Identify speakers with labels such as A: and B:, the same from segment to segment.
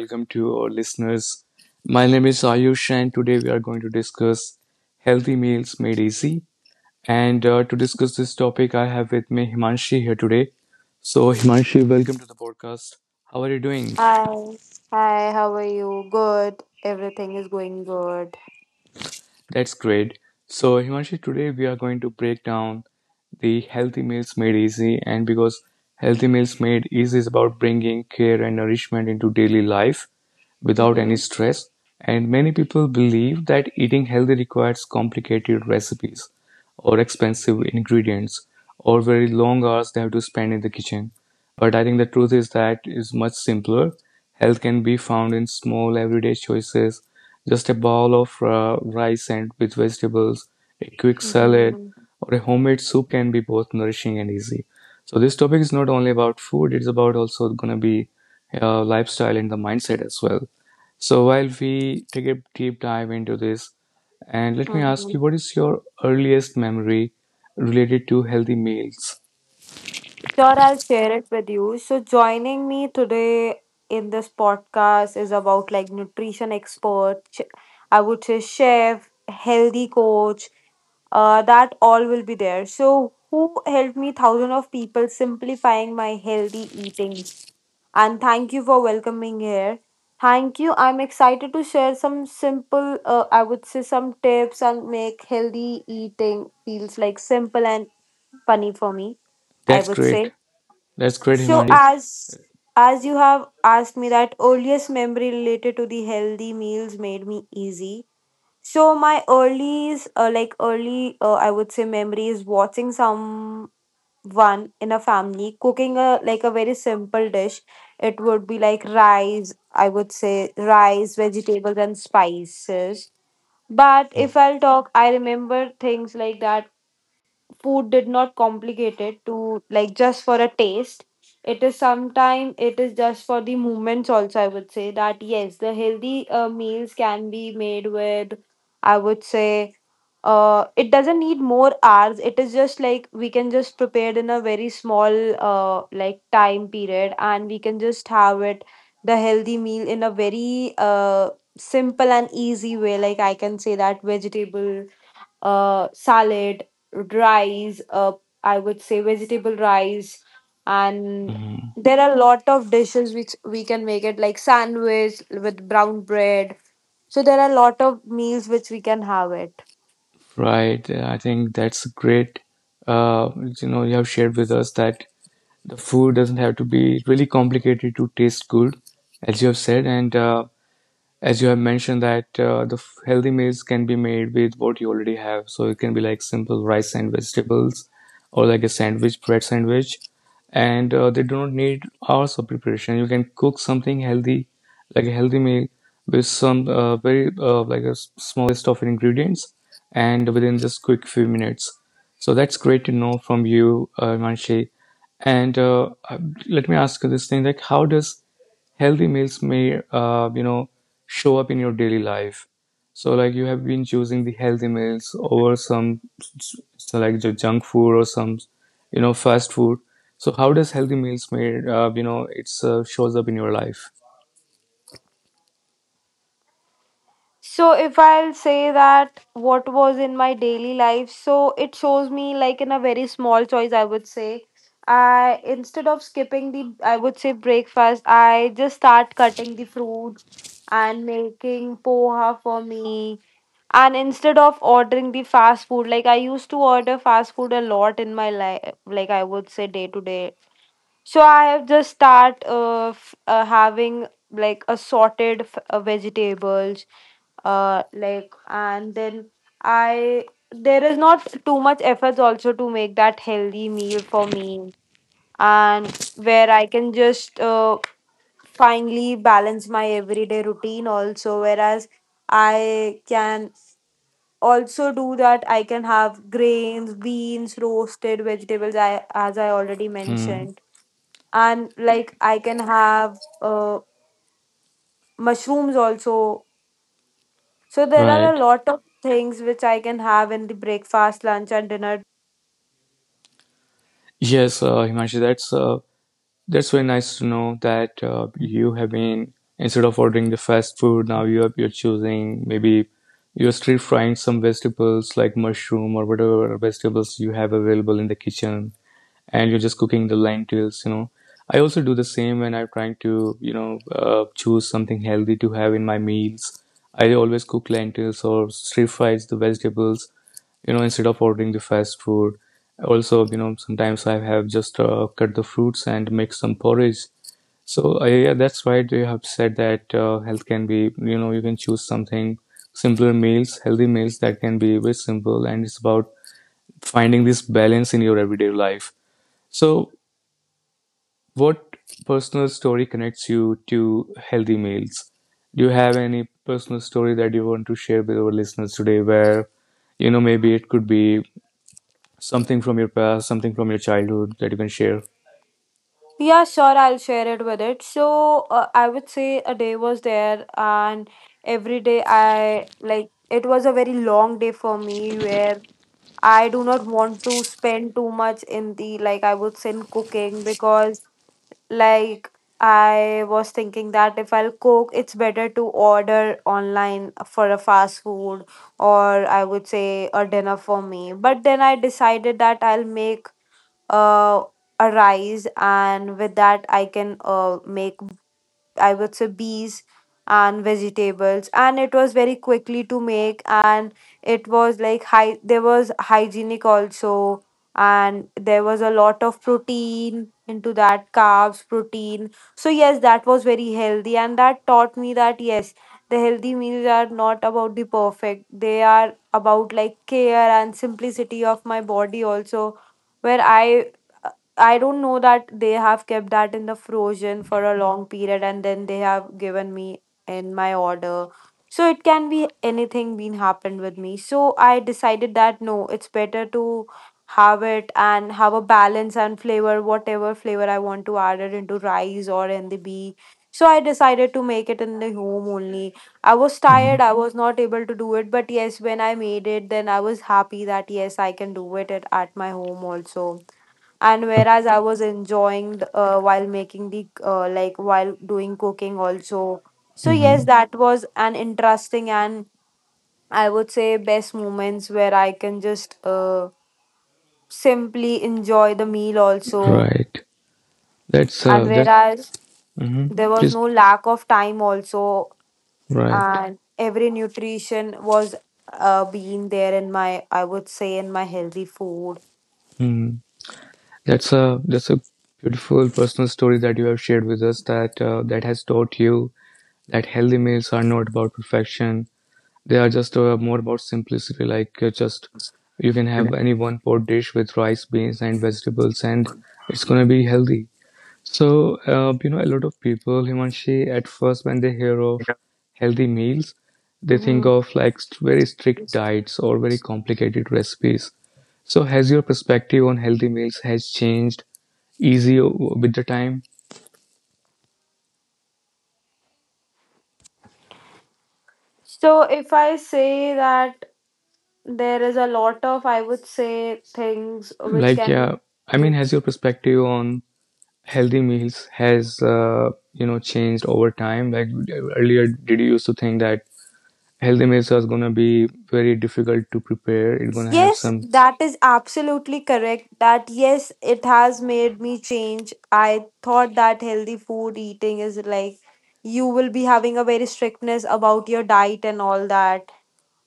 A: welcome to our listeners. My name is Ayush, and today we are going to discuss healthy meals made easy. And to discuss this topic, I have with me Himanshi here today. So, Himanshi, welcome to the podcast. How are you doing?
B: Hi, hi, how are you? Good. Everything is going good.
A: That's great. So, Himanshi, today we are going to break down the healthy meals made easy. And because healthy meals made easy is about bringing care and nourishment into daily life without any
B: Mm-hmm.
A: stress. And many people believe that eating healthy requires complicated recipes or expensive ingredients or very long hours they have to spend in the kitchen. But I think the truth is that is much simpler. Health can be found in small everyday choices, just a bowl of rice and with vegetables, a quick salad,
B: Mm-hmm.
A: or a homemade soup can be both nourishing and easy. So this topic is not only about food; it's about also going to be lifestyle and the mindset as well. So while we take a deep dive into this, and let me ask you,
B: Mm-hmm.
A: what is your earliest memory related to healthy meals?
B: Sure, I'll share it with you. So, joining me today in this podcast is about like nutrition expert, I would say chef, healthy coach, that all will be there. So, who helped me? Thousands of people simplifying my healthy eating. And thank you for welcoming here. Thank you. I'm excited to share some simple, I would say, some tips and make healthy eating feels like simple and funny for me, I
A: That's
B: would say.
A: great. That's great,
B: So
A: Himanshi.
B: as you have asked me that earliest memory related to the healthy meals made me easy. So my earliest, I would say, memory is watching some one in a family cooking a like a very simple dish. It would be like rice, I would say, rice, vegetables and spices. But if I'll talk, I remember things like that food did not complicate it to like just for a taste. It is sometime it is just for the movements also, I would say. That yes, the healthy meals can be made with, I would say, it doesn't need more hours. It is just like we can just prepare it in a very small like time period and we can just have it the healthy meal in a very simple and easy way. Like I can say that vegetable salad, rice, I would say vegetable rice, and
A: Mhm.
B: there are a lot of dishes which we can make it, like sandwich with brown bread. So there are a lot of meals which we can have it.
A: Right. I think that's great. Uh, you have shared with us that the food doesn't have to be really complicated to taste good, as you have said. And as you have mentioned that the healthy meals can be made with what you already have, so it can be like simple rice and vegetables, or like a sandwich, bread sandwich, and they do not need hours of preparation. You can cook something healthy like a healthy meal with some very like a small list of ingredients and within just quick few minutes. So that's great to know from you, manshi and let me ask you this thing, like how does healthy meals may you know show up in your daily life? So, like you have been choosing the healthy meals over some, so like the junk food or some, fast food. So how does healthy meals made you know it's shows up in your life?
B: So if I'll say that what was in my daily life, so it shows me like in a very small choice, I would say. I instead of skipping the, I would say, breakfast, I just start cutting the fruits and making poha for me. And instead of ordering the fast food, like I used to order fast food a lot in my life, like I would say day to day, so I have just start having like assorted vegetables, like. And then I there is not too much efforts also to make that healthy meal for me, and where I can just finally balance my everyday routine also, whereas I can also do that. I can have grains, beans, roasted vegetables, I, as I already
A: Hmm.
B: mentioned, and like I can have mushrooms also. So there are a
A: Right.
B: lot of things which I can have in the breakfast, lunch and dinner.
A: Yes, Himashi, that's very nice to know that you have been, instead of ordering the fast food, now you are, you're choosing, maybe you're street frying some vegetables like mushroom or whatever vegetables you have available in the kitchen, and you're just cooking the lentils. I also do the same when I'm trying to choose something healthy to have in my meals. I always cook lentils or stir fries the vegetables, instead of ordering the fast food. Also, you know, sometimes I have just cut the fruits and make some porridge. So yeah, that's right. You have said that health can be, you know, you can choose something simpler meals, healthy meals that can be very simple, and it's about finding this balance in your everyday life. So, what personal story connects you to healthy meals? Do you have any personal story that you want to share with our listeners today where, you know, maybe it could be something from your past, something from your childhood that you can share?
C: Yeah, sure, I'll share it with it. So, I would say a day was there, and every day I like it was a very long day for me where I do not want to spend too much in the like I would say in cooking, because like I was thinking that if I'll cook, it's better to order online for a fast food or I would say a dinner for me. But then I decided that I'll make uh, arise, and with that I can make, I would say, bees and vegetables, and it was very quickly to make, and it was like high, there was hygienic also, and there was a lot of protein into that, carbs, protein. So yes, that was very healthy, and that taught me that yes, the healthy meals are not about the perfect, they are about like care and simplicity of my body also, where I don't know that they have kept that in the frozen for a long period, and then they have given me in my order. So it can be anything been happened with me. So I decided that no, it's better to have it and have a balance and flavor, whatever flavor I want to add it into rice or in the bee. So I decided to make it in the home only. I was tired, I was not able to do it, but yes, when I made it, then I was happy that yes, I can do it at my home also, and whereas I was enjoying the, while making the like while doing cooking also. So yes,
A: Hmm.
C: that was an interesting and I would say best moments where I can just simply enjoy the meal also,
A: Right. That's
C: and
A: that
C: whereas
A: hmm
C: there was
A: please
C: no lack of time also,
A: right.
C: and every nutrition was being there in my, I would say, in my healthy food.
A: Mhm. That's a beautiful personal story that you have shared with us, that that has taught you that healthy meals are not about perfection. They are just more about simplicity, like just you can have any one pot dish with rice, beans, and vegetables, and it's gonna be healthy. So, you know, a lot of people, Himanshi, at first when they hear of healthy meals, they think
C: hmm
A: of like very strict diets or very complicated recipes. So, has your perspective on healthy meals has changed with the time?
C: so if I say that there is a lot of I would say things which
A: Like,
C: can lead
A: yeah, I mean,
C: to.
A: has your perspective on healthy meals has changed over time? Like, earlier, did you used to think that healthy meals was going to be very difficult to prepare, it's going to have
C: Yes,
A: some...
C: that is absolutely correct. That yes, it has made me change. I thought that healthy food eating is like you will be having a very strictness about your diet and all that.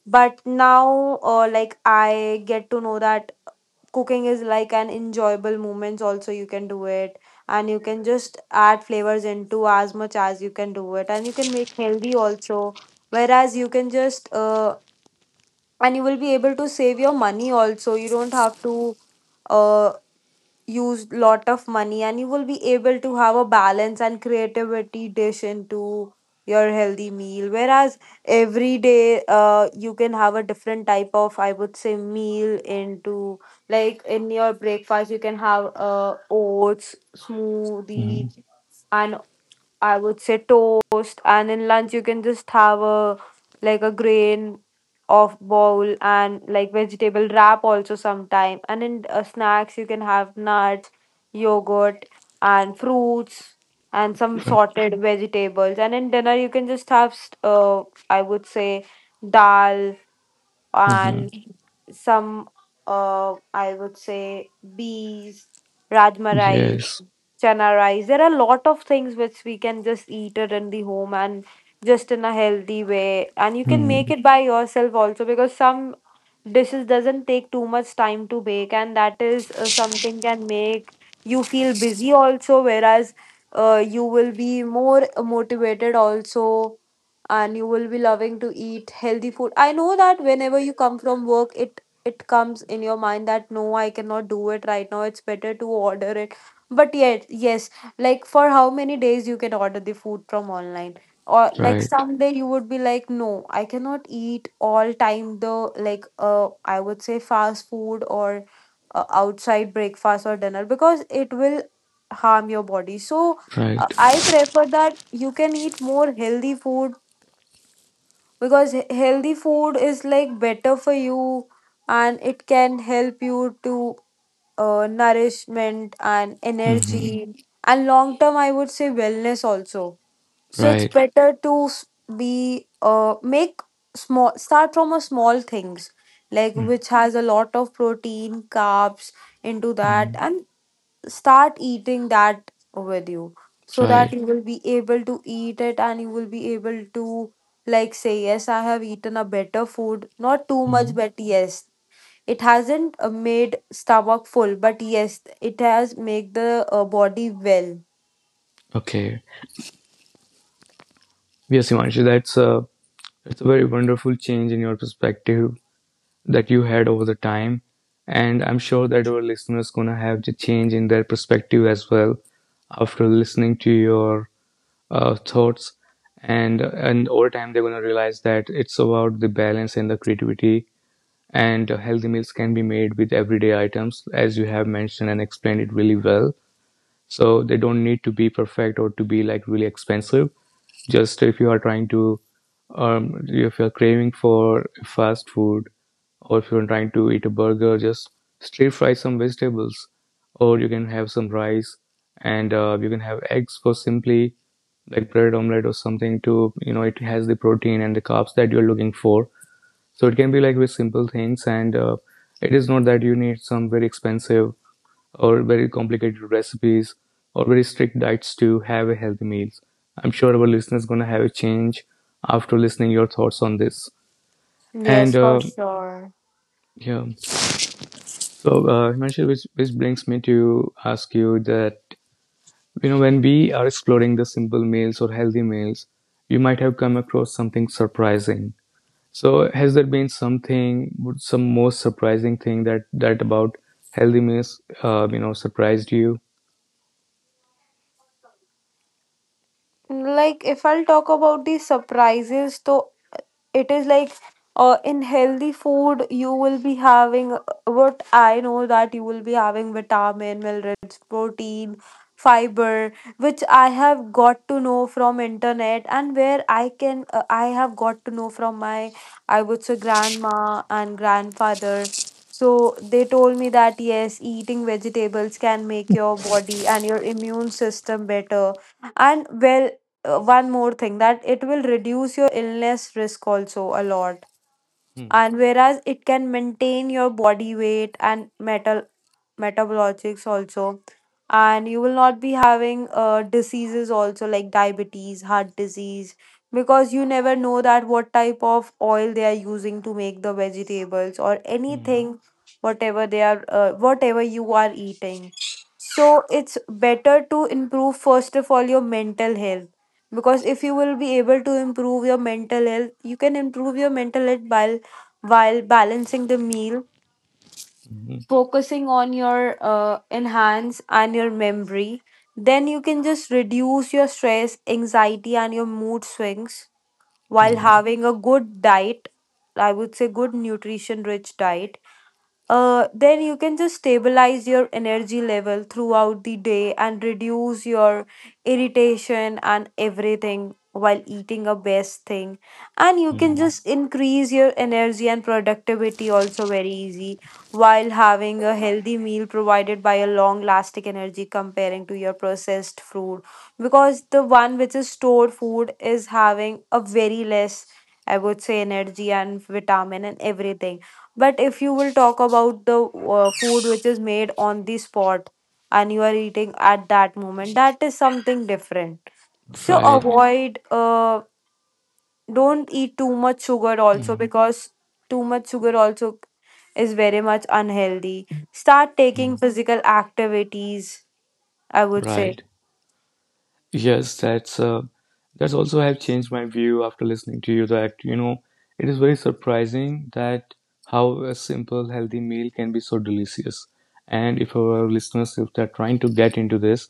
C: But now, like I get to know that cooking is like an enjoyable moments also, you can do it, and you can just add flavors into as much as you can do it, and you can make healthy also, whereas you can just and you will be able to save your money also. You don't have to uh, use lot of money, and you will be able to have a balance and creativity dish into your healthy meal, whereas every day you can have a different type of, I would say, meal. Into like in your breakfast you can have oats,
A: Mhm.
C: smoothie, and I would say toast, and in lunch you can just have a like a grain of bowl and like vegetable wrap also sometime. And in snacks you can have nuts, yogurt, and fruits and some
A: Ra-
C: sorted vegetables. And in dinner you can just have I would say dal
A: mhm.
C: and some I would say bees, rajma rice,
A: Yes.
C: chana rice. There are a lot of things which we can just eat it in the home and just in a healthy way. And you can make
A: Mhm.
C: it by yourself also, because some dishes doesn't take too much time to bake, and that is something can make you feel busy also, whereas you will be more motivated also, and you will be loving to eat healthy food. I know that whenever you come from work, it comes in your mind that no, I cannot do it right now. It's better to order it. But yet, yes, like for how many days you can order the food from online? Or like
A: Right.
C: someday you would be like no, I cannot eat all time the like I would say fast food or outside breakfast or dinner, because it will harm your body. So
A: Right.
C: I prefer that you can eat more healthy food, because healthy food is like better for you, and it can help you to nourishment and energy,
A: Mhm.
C: mhm, and long term, I would say, wellness also. So it's
A: Right.
C: better to s- be make small start from a small things like which has a lot of protein, carbs into that,
A: Mhm.
C: and start eating that with you, so that
A: Right.
C: you will be able to eat it, and you will be able to like say yes, I have eaten a better food, not too much,
A: Mhm.
C: but yes, it hasn't made stomach full, but yes, it has make the body well.
A: Okay. Yes, Himanshu, that's a very wonderful change in your perspective that you had over the time. And I'm sure that our listeners gonna have the change in their perspective as well after listening to your thoughts. And over time they're gonna realize that it's about the balance and the creativity. And healthy meals can be made with everyday items, as you have mentioned and explained it really well. So they don't need to be perfect or to be like really expensive. Just if you are trying to, if you're craving for fast food, or if you're trying to eat a burger, just stir fry some vegetables, or you can have some rice, and you can have eggs for simply like bread omelette or something, to you know it has the protein and the carbs that you're looking for. So it can be like with simple things, and it is not that you need some very expensive or very complicated recipes or very strict diets to have a healthy meals. I'm sure our listeners gonna have a change after listening your thoughts on this. And
C: Yes, for sure.
A: yeah, so Himanshu, which brings me to ask you that, you know, when we are exploring the simple meals or healthy meals, you might have come across something surprising. So has there been something, some most surprising thing that about healthy meals, you know, surprised you?
C: Like if I'll talk about the surprises, so it is like in healthy food you will be having what I know that you will be having vitamin, minerals, protein, fiber, which I have got to know from internet, and where I can I have got to know from my, I would say, grandma and grandfather. So they told me that yes, eating vegetables can make your body and your immune system better and well. One more thing, that it will reduce your illness risk also a lot,
A: Hmm.
C: and whereas it can maintain your body weight and metal metabolics also, and you will not be having diseases also, like diabetes, heart disease, because you never know that what type of oil they are using to make the vegetables or
A: Hmm.
C: anything, whatever they are whatever you are eating. So it's better to improve first of all your mental health, because if you will be able to improve your mental health, you can improve your mental health while balancing the meal, focusing on your enhance and your memory. Then you can just reduce your stress, anxiety and your mood swings while
A: Mhm.
C: having a good diet, I would say good nutrition rich diet. Then you can just stabilize your energy level throughout the day and reduce your irritation and everything while eating a best thing, and you can
A: Mm,
C: just increase your energy and productivity also very easy while having a healthy meal provided by a long lasting energy comparing to your processed food, because the one which is stored food is having a very less, I would say, energy and vitamin and everything. But if you will talk about the food which is made on the spot and you are eating at that moment, that is something different. So
A: right.
C: don't eat too much sugar also,
A: Mm,
C: because too much sugar also is very much unhealthy. Start taking
A: mm,
C: physical activities, I would say.
A: right. Yes, that's also have changed my view after listening to you, that you know it is very surprising that how a simple healthy meal can be so delicious. And if our listeners, if they're trying to get into this,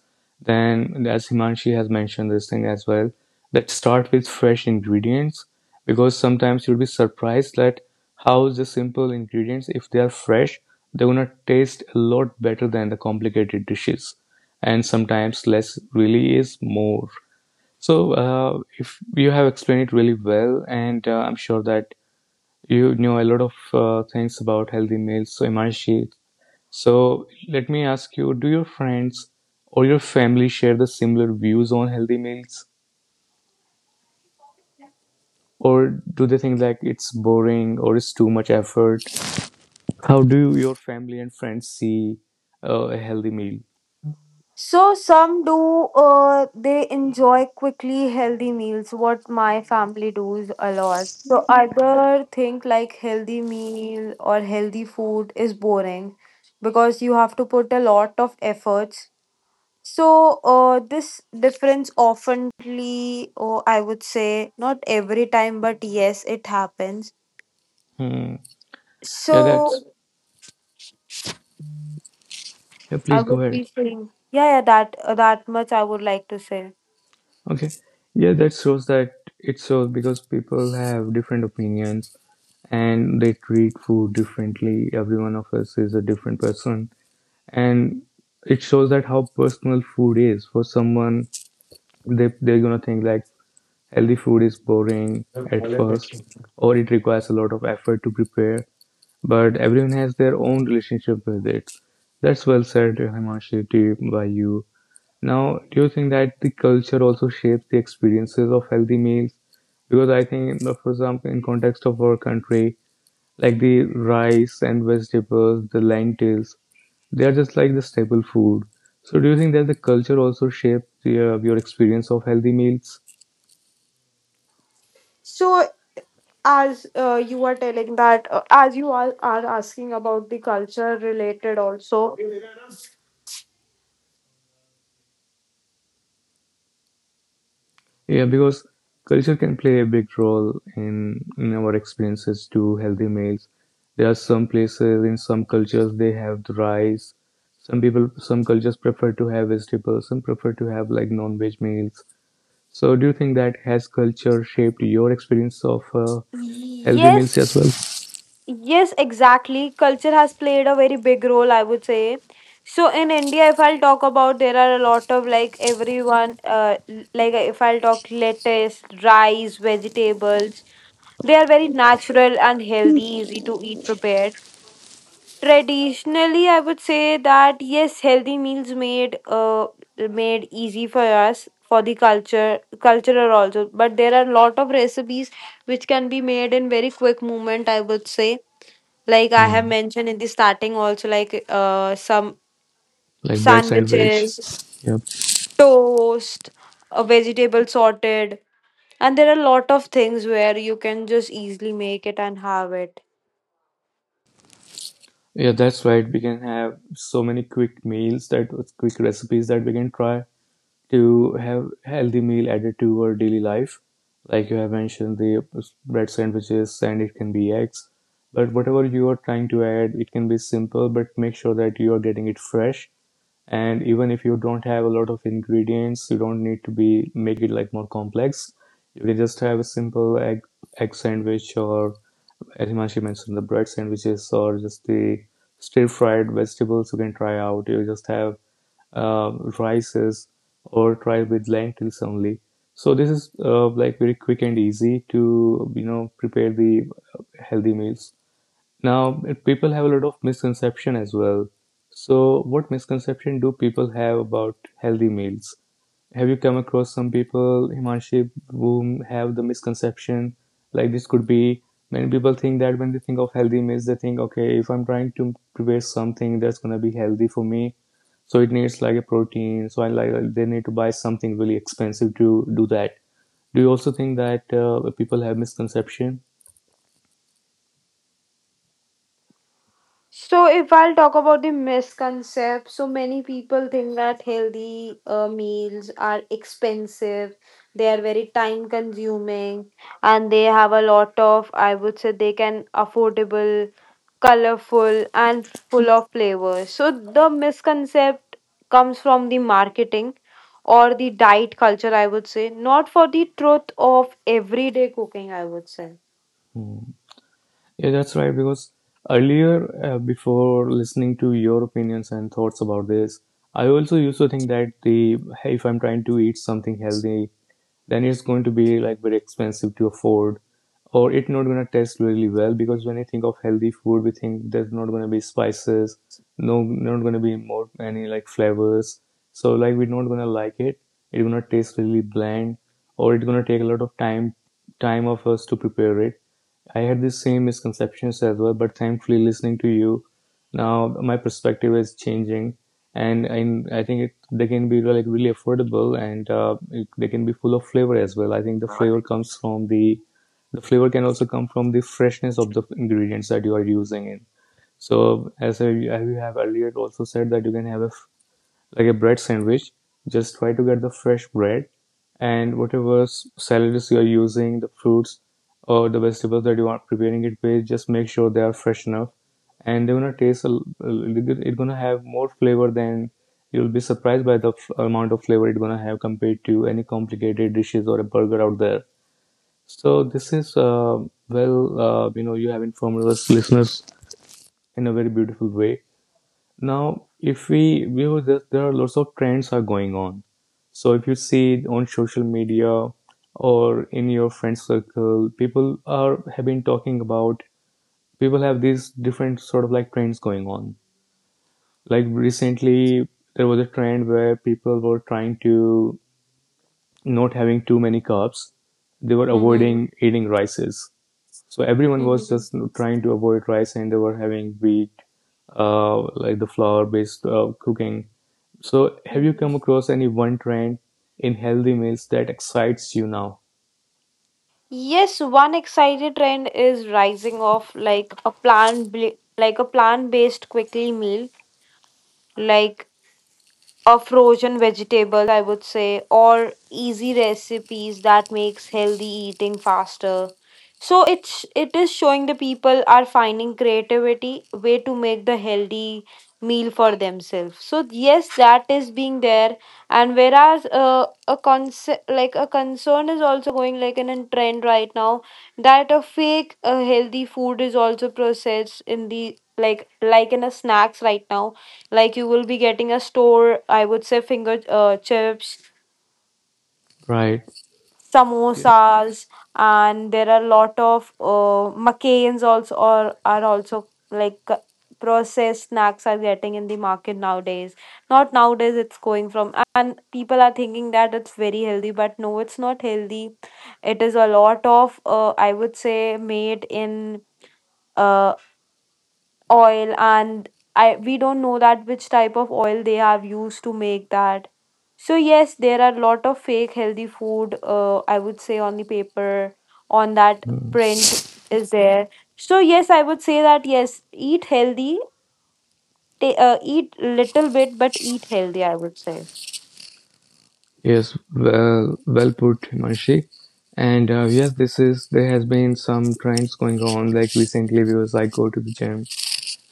A: then as Himanshi has mentioned this thing as well, that start with fresh ingredients, because sometimes you'll be surprised that how the simple ingredients, if they are fresh, they're gonna taste a lot better than the complicated dishes. And sometimes less really is more. So, if you have explained it really well, and I'm sure that you know a lot of things about healthy meals, so Imanshi. So let me ask you, do your friends or your family share the similar views on healthy meals? Or do they think like it's boring or it's too much effort? How do your family and friends see a healthy meal?
C: So some do they enjoy quickly healthy meals, what my family does a lot. So other think like healthy meal or healthy food is boring because you have to put a lot of efforts. So this difference oftenly, or I would say, not every time, but yes, it happens.
A: Hmm. Yeah,
C: So
A: that's yeah.
C: I
A: Please go
C: would
A: ahead.
C: be saying yeah, yeah, that that much I would like to say.
A: Okay. Yeah, that shows that it shows, because people have different opinions and they treat food differently. Every one of us is a different person, and it shows that how personal food is for someone. They, they're gonna think like healthy food is boring at first, or it requires a lot of effort to prepare, but everyone has their own relationship with it. That's well said, Himanshi, by you. Now, do you think that the culture also shapes the experiences of healthy meals? Because I think, for example, in context of our country, like the rice and vegetables, the lentils, they are just like the staple food. So, do you think that the culture also shapes the, your experience of healthy meals?
C: So as you are telling that as you are asking about the culture related also.
A: Yeah, because culture can play a big role in, our experiences to healthy meals. There are some places in some cultures they have the rice. Some people, some cultures prefer to have vegetables. Some prefer to have like non-veg meals. So, do you think that has culture shaped your experience of healthy
C: Yes,
A: meals as well?
C: yes, exactly. Culture has played a very big role, I would say. So in India, if I'll talk about, there are a lot of, like everyone, like if I'll talk lettuce, rice, vegetables, they are very natural and healthy, easy to eat prepared. Traditionally, I would say that yes, healthy meals made easy for us for the culture cultural also. But there are a lot of recipes which can be made in very quick moment, I would say, like I have
A: Mm.
C: mentioned in the starting also, like some
A: Like bread sandwich.
C: sandwiches,
A: Yep.
C: toast, a vegetable sorted, and there are a lot of things where you can just easily make it and have it.
A: Yeah, that's right. We can have so many quick meals, that quick recipes that we can try to have healthy meal added to our daily life. Like you have mentioned the bread sandwiches, and it can be eggs, but whatever you are trying to add, it can be simple, but make sure that you are getting it fresh. And even if you don't have a lot of ingredients, you don't need to be make it like more complex. You can just have a simple egg sandwich, or as Himanshu mentioned the bread sandwiches, or just the stir fried vegetables you can try out. You just have rices, or try with lentils only. So this is like very quick and easy to you know prepare the healthy meals. Now people have a lot of misconception as well. So what misconception do people have about healthy meals? Have you come across some people, Himanshi, who have the misconception like this could be? Many people think that when they think of healthy meals, they think, okay, if I'm trying to prepare something that's gonna be healthy for me, so it needs like a protein. So I like they need to buy something really expensive to do that. Do you also think that people have misconception?
C: So if I'll talk about the misconcept, so many people think that healthy meals are expensive, they are very time consuming, and they have a lot of, I would say, they can affordable, colorful, and full of flavors. So the misconcept comes from the marketing or the diet culture, I would say, not for the truth of everyday cooking, I would say.
A: Hmm. Yeah, that's right. Because earlier, before listening to your opinions and thoughts about this, I also used to think that the hey, if I'm trying to eat something healthy, then it's going to be like very expensive to afford, or it's not going to taste really well. Because when I think of healthy food, we think there's not going to be spices, no, not going to be more any like flavors. So like we're not going to like it. It's going to taste really bland, or it's going to take a lot of time of us to prepare it. I had the same misconceptions as well, but thankfully, listening to you now, my perspective is changing, and I think they can be like really affordable, and they can be full of flavor as well. I think the flavor comes from the flavor can also come from the freshness of the ingredients that you are using in. So, as I have earlier also said that you can have like a bread sandwich. Just try to get the fresh bread and whatever salads you're using, the fruits or the vegetables that you are preparing it with, just make sure they are fresh enough. And they're gonna taste a l- a it's gonna have more flavor than you'll be surprised by the amount of flavor it's gonna have compared to any complicated dishes or a burger out there. So this is well, you have informed us listeners in a very beautiful way. Now, if we view this, there are lots of trends are going on. So if you see on social media or in your friend circle, people are have been talking about people have these different sort of like trends going on. Like recently, there was a trend where people were trying to not having too many carbs. They were
C: Mm-hmm.
A: avoiding eating rices. So everyone was
C: Mm-hmm.
A: just trying to avoid rice and they were having wheat, like the flour based cooking. So have you come across any one trend in healthy meals that excites you now?
C: Yes, one exciting trend is rising of like a plant-based quickly meal, like or frozen vegetables, I would say, or easy recipes that makes healthy eating faster. So it's, it is showing the people are finding creativity way to make the healthy meal for themselves. So yes, that is being there. And whereas a concept like a concern is also going like in a trend right now, that a fake healthy food is also processed in the like like in a snacks right now. Like you will be getting a store, I would say, finger chips,
A: Right. Ye-
C: samosas, and there are a lot of McCain's also, or are also, like processed snacks are getting in the market nowadays. Not nowadays, it's going from, and people are thinking that it's very healthy, but no, it's not healthy. It is a lot of I would say, made in uh, oil, and I we don't know that which type of oil they have used to make that. So yes, there are a lot of fake healthy food I would say, on the paper on that print is there. So yes, I would say that yes, eat healthy eat little bit, but eat healthy, I would say.
A: Yes. Well put, Himanshi. And yes, this is there has been some trends going on. Like recently, because I go to the gym,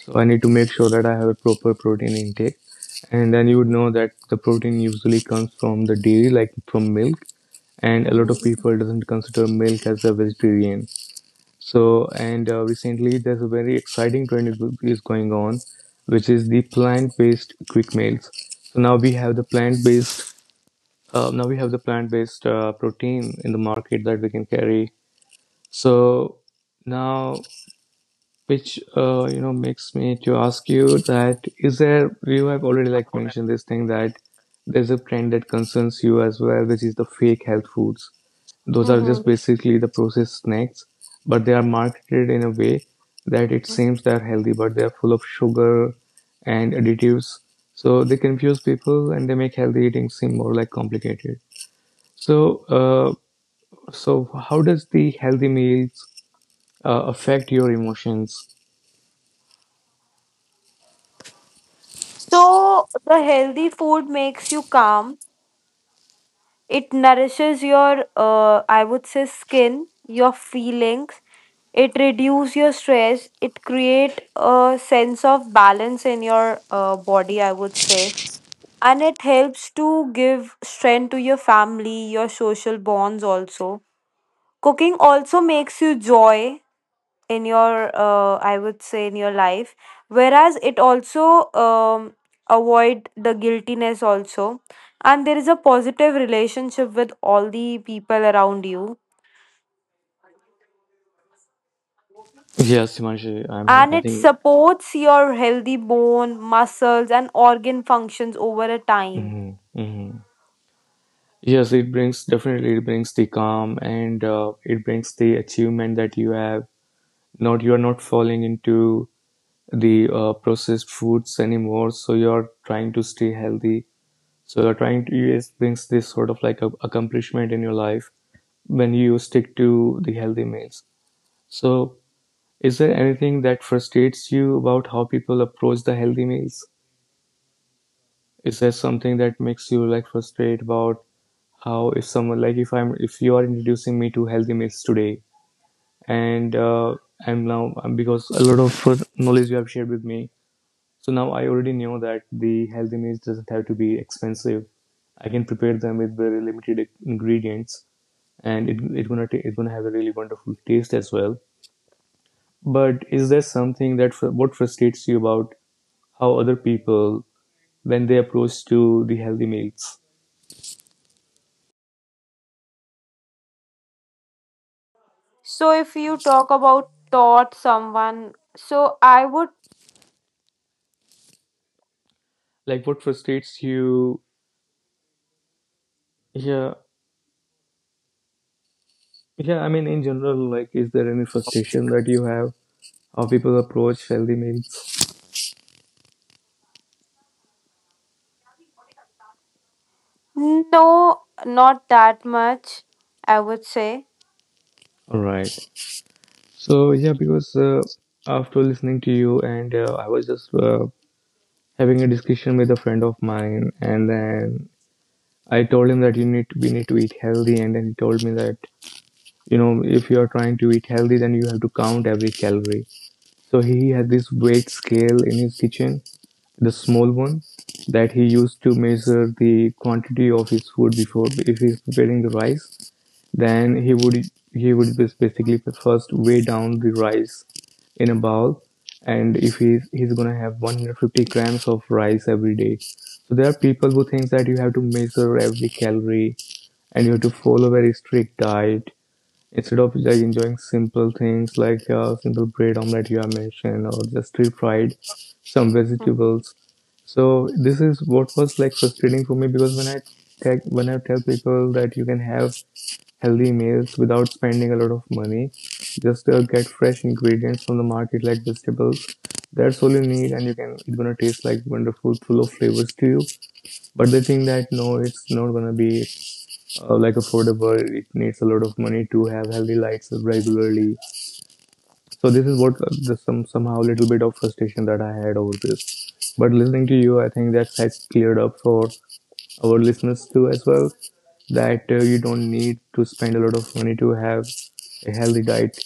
A: so I need to make sure that I have a proper protein intake. And then you would know that the protein usually comes from the dairy, like from milk. And a lot of
C: Mm-hmm.
A: people doesn't consider milk as a vegetarian. So and recently there's a very exciting trend is going on, which is the plant-based quick meals. So now we have the plant-based protein in the market that we can carry. So now which makes me to ask you that is there you have already like mentioned this thing that there's a trend that concerns you as well, which is the fake health foods. Those are just
C: Mm-hmm.
A: basically the processed snacks, but they are marketed in a way that it seems they're healthy, but they're full of sugar and additives, so they confuse people and they make healthy eating seem more like complicated. So uh, so how does the healthy meals affect your emotions?
C: So the healthy food makes you calm. It nourishes your, I would say, skin, your feelings, it reduce your stress, it create a sense of balance in your body, I would say, and it helps to give strength to your family, your social bonds also. Cooking also makes you joy in your, I would say, in your life, whereas it also um, avoid the guiltiness also, and there is a positive relationship with all the people around you,
A: Yes, Himanshi, I mean,
C: and
A: I
C: it
A: think,
C: supports your healthy bone, muscles, and organ functions over a time.
A: mhm, mhm, yes, it brings the calm, and it brings the achievement that you have. Not You are not falling into the processed foods anymore, so you are trying to stay healthy. So you're trying to, yes, brings this sort of like a accomplishment in your life when you stick to the healthy meals. So, is there anything that frustrates you about how people approach the healthy meals? Is there something that makes you like frustrated about? How if someone like if I'm if you are introducing me to healthy meals today, and I'm now because a lot of knowledge you have shared with me, so now I already know that the healthy meals doesn't have to be expensive. I can prepare them with very limited ingredients, and it's gonna have a really wonderful taste as well. But is there something that what frustrates you about how other people when they approach to the healthy meals,
C: So if you talk about taught someone, so I would.
A: like what frustrates you? Yeah. Yeah, I mean, in general, like, is there any frustration that you have how people approach healthy meals?
C: No, not that much, I would say.
A: All right. So yeah, because after listening to you, and I was just having a discussion with a friend of mine, and then I told him that we need to eat healthy, and then he told me that if you are trying to eat healthy, then you have to count every calorie. So he had this weight scale in his kitchen, the small one that he used to measure the quantity of his food before. If he's preparing the rice, then he would basically first weigh down the rice in a bowl, and if he's gonna have 150 grams of rice every day. So there are people who think that you have to measure every calorie and you have to follow a very strict diet, instead of like enjoying simple things like a simple bread omelette you have mentioned, or just deep fried some
C: Mhm.
A: vegetables. So this is what was like frustrating for me, because when when I tell people that you can have healthy meals without spending a lot of money, just get fresh ingredients from the market like vegetables. That's all you need, and you can it's gonna taste like wonderful, full of flavors to you. But they think that no, it's not gonna be like affordable. It needs a lot of money to have healthy lights regularly. So this is what the some somehow little bit of frustration that I had over this. But listening to you, I think that has cleared up for our listeners too as well. That you don't need to spend a lot of money to have a healthy diet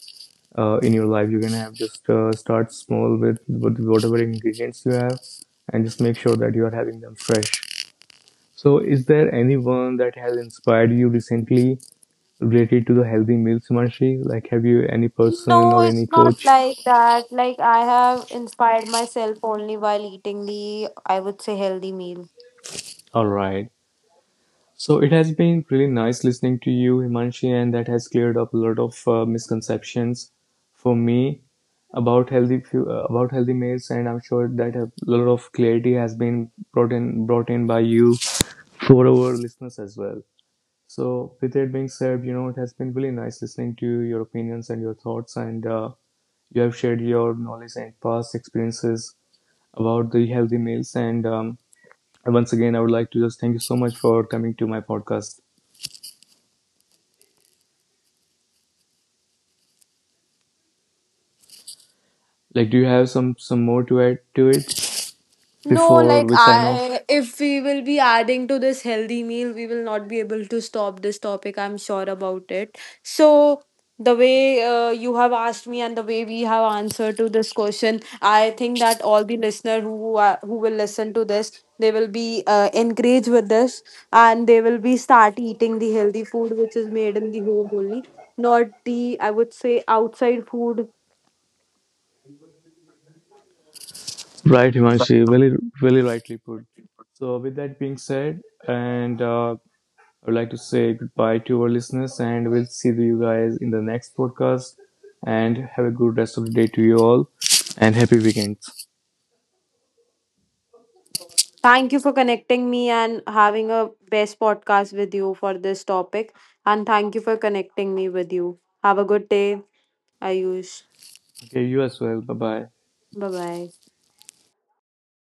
A: in your life. You can have just start small with, whatever ingredients you have, and just make sure that you are having them fresh. So, is there anyone that has inspired you recently related to the healthy meals, Himanshi? Like, have you any person
C: No,
A: or any
C: it's not
A: coach?
C: like that. Like, I have inspired myself only while eating the, I would say, healthy meal.
A: All right. So it has been really nice listening to you, Himanshi, and that has cleared up a lot of misconceptions for me about healthy about healthy meals, and I'm sure that a lot of clarity has been brought in by you for our listeners as well. So with that being said, it has been really nice listening to your opinions and your thoughts, and you have shared your knowledge and past experiences about the healthy meals. And once again, I would like to just thank you so much for coming to my podcast. Like, do you have some more to add to it
C: No,
A: before
C: like
A: we sign off?
C: if we will be adding to this healthy meal, we will not be able to stop this topic, I'm sure about it. So the way you have asked me and the way we have answered to this question, I think that all the listener who are, who will listen to this, they will be encouraged with this, and they will be start eating the healthy food which is made in the home only, not the, I would say, outside food.
A: Right, Himanshi, really, really rightly put. So, with that being said, and I would like to say goodbye to our listeners, and we'll see you guys in the next podcast. And have a good rest of the day to you all, and happy weekends.
C: Thank you for connecting me and having a best podcast with you for this topic, and thank you for connecting me with you. Have a good day, Ayush.
A: Okay, you as well. Bye bye.
C: Bye bye.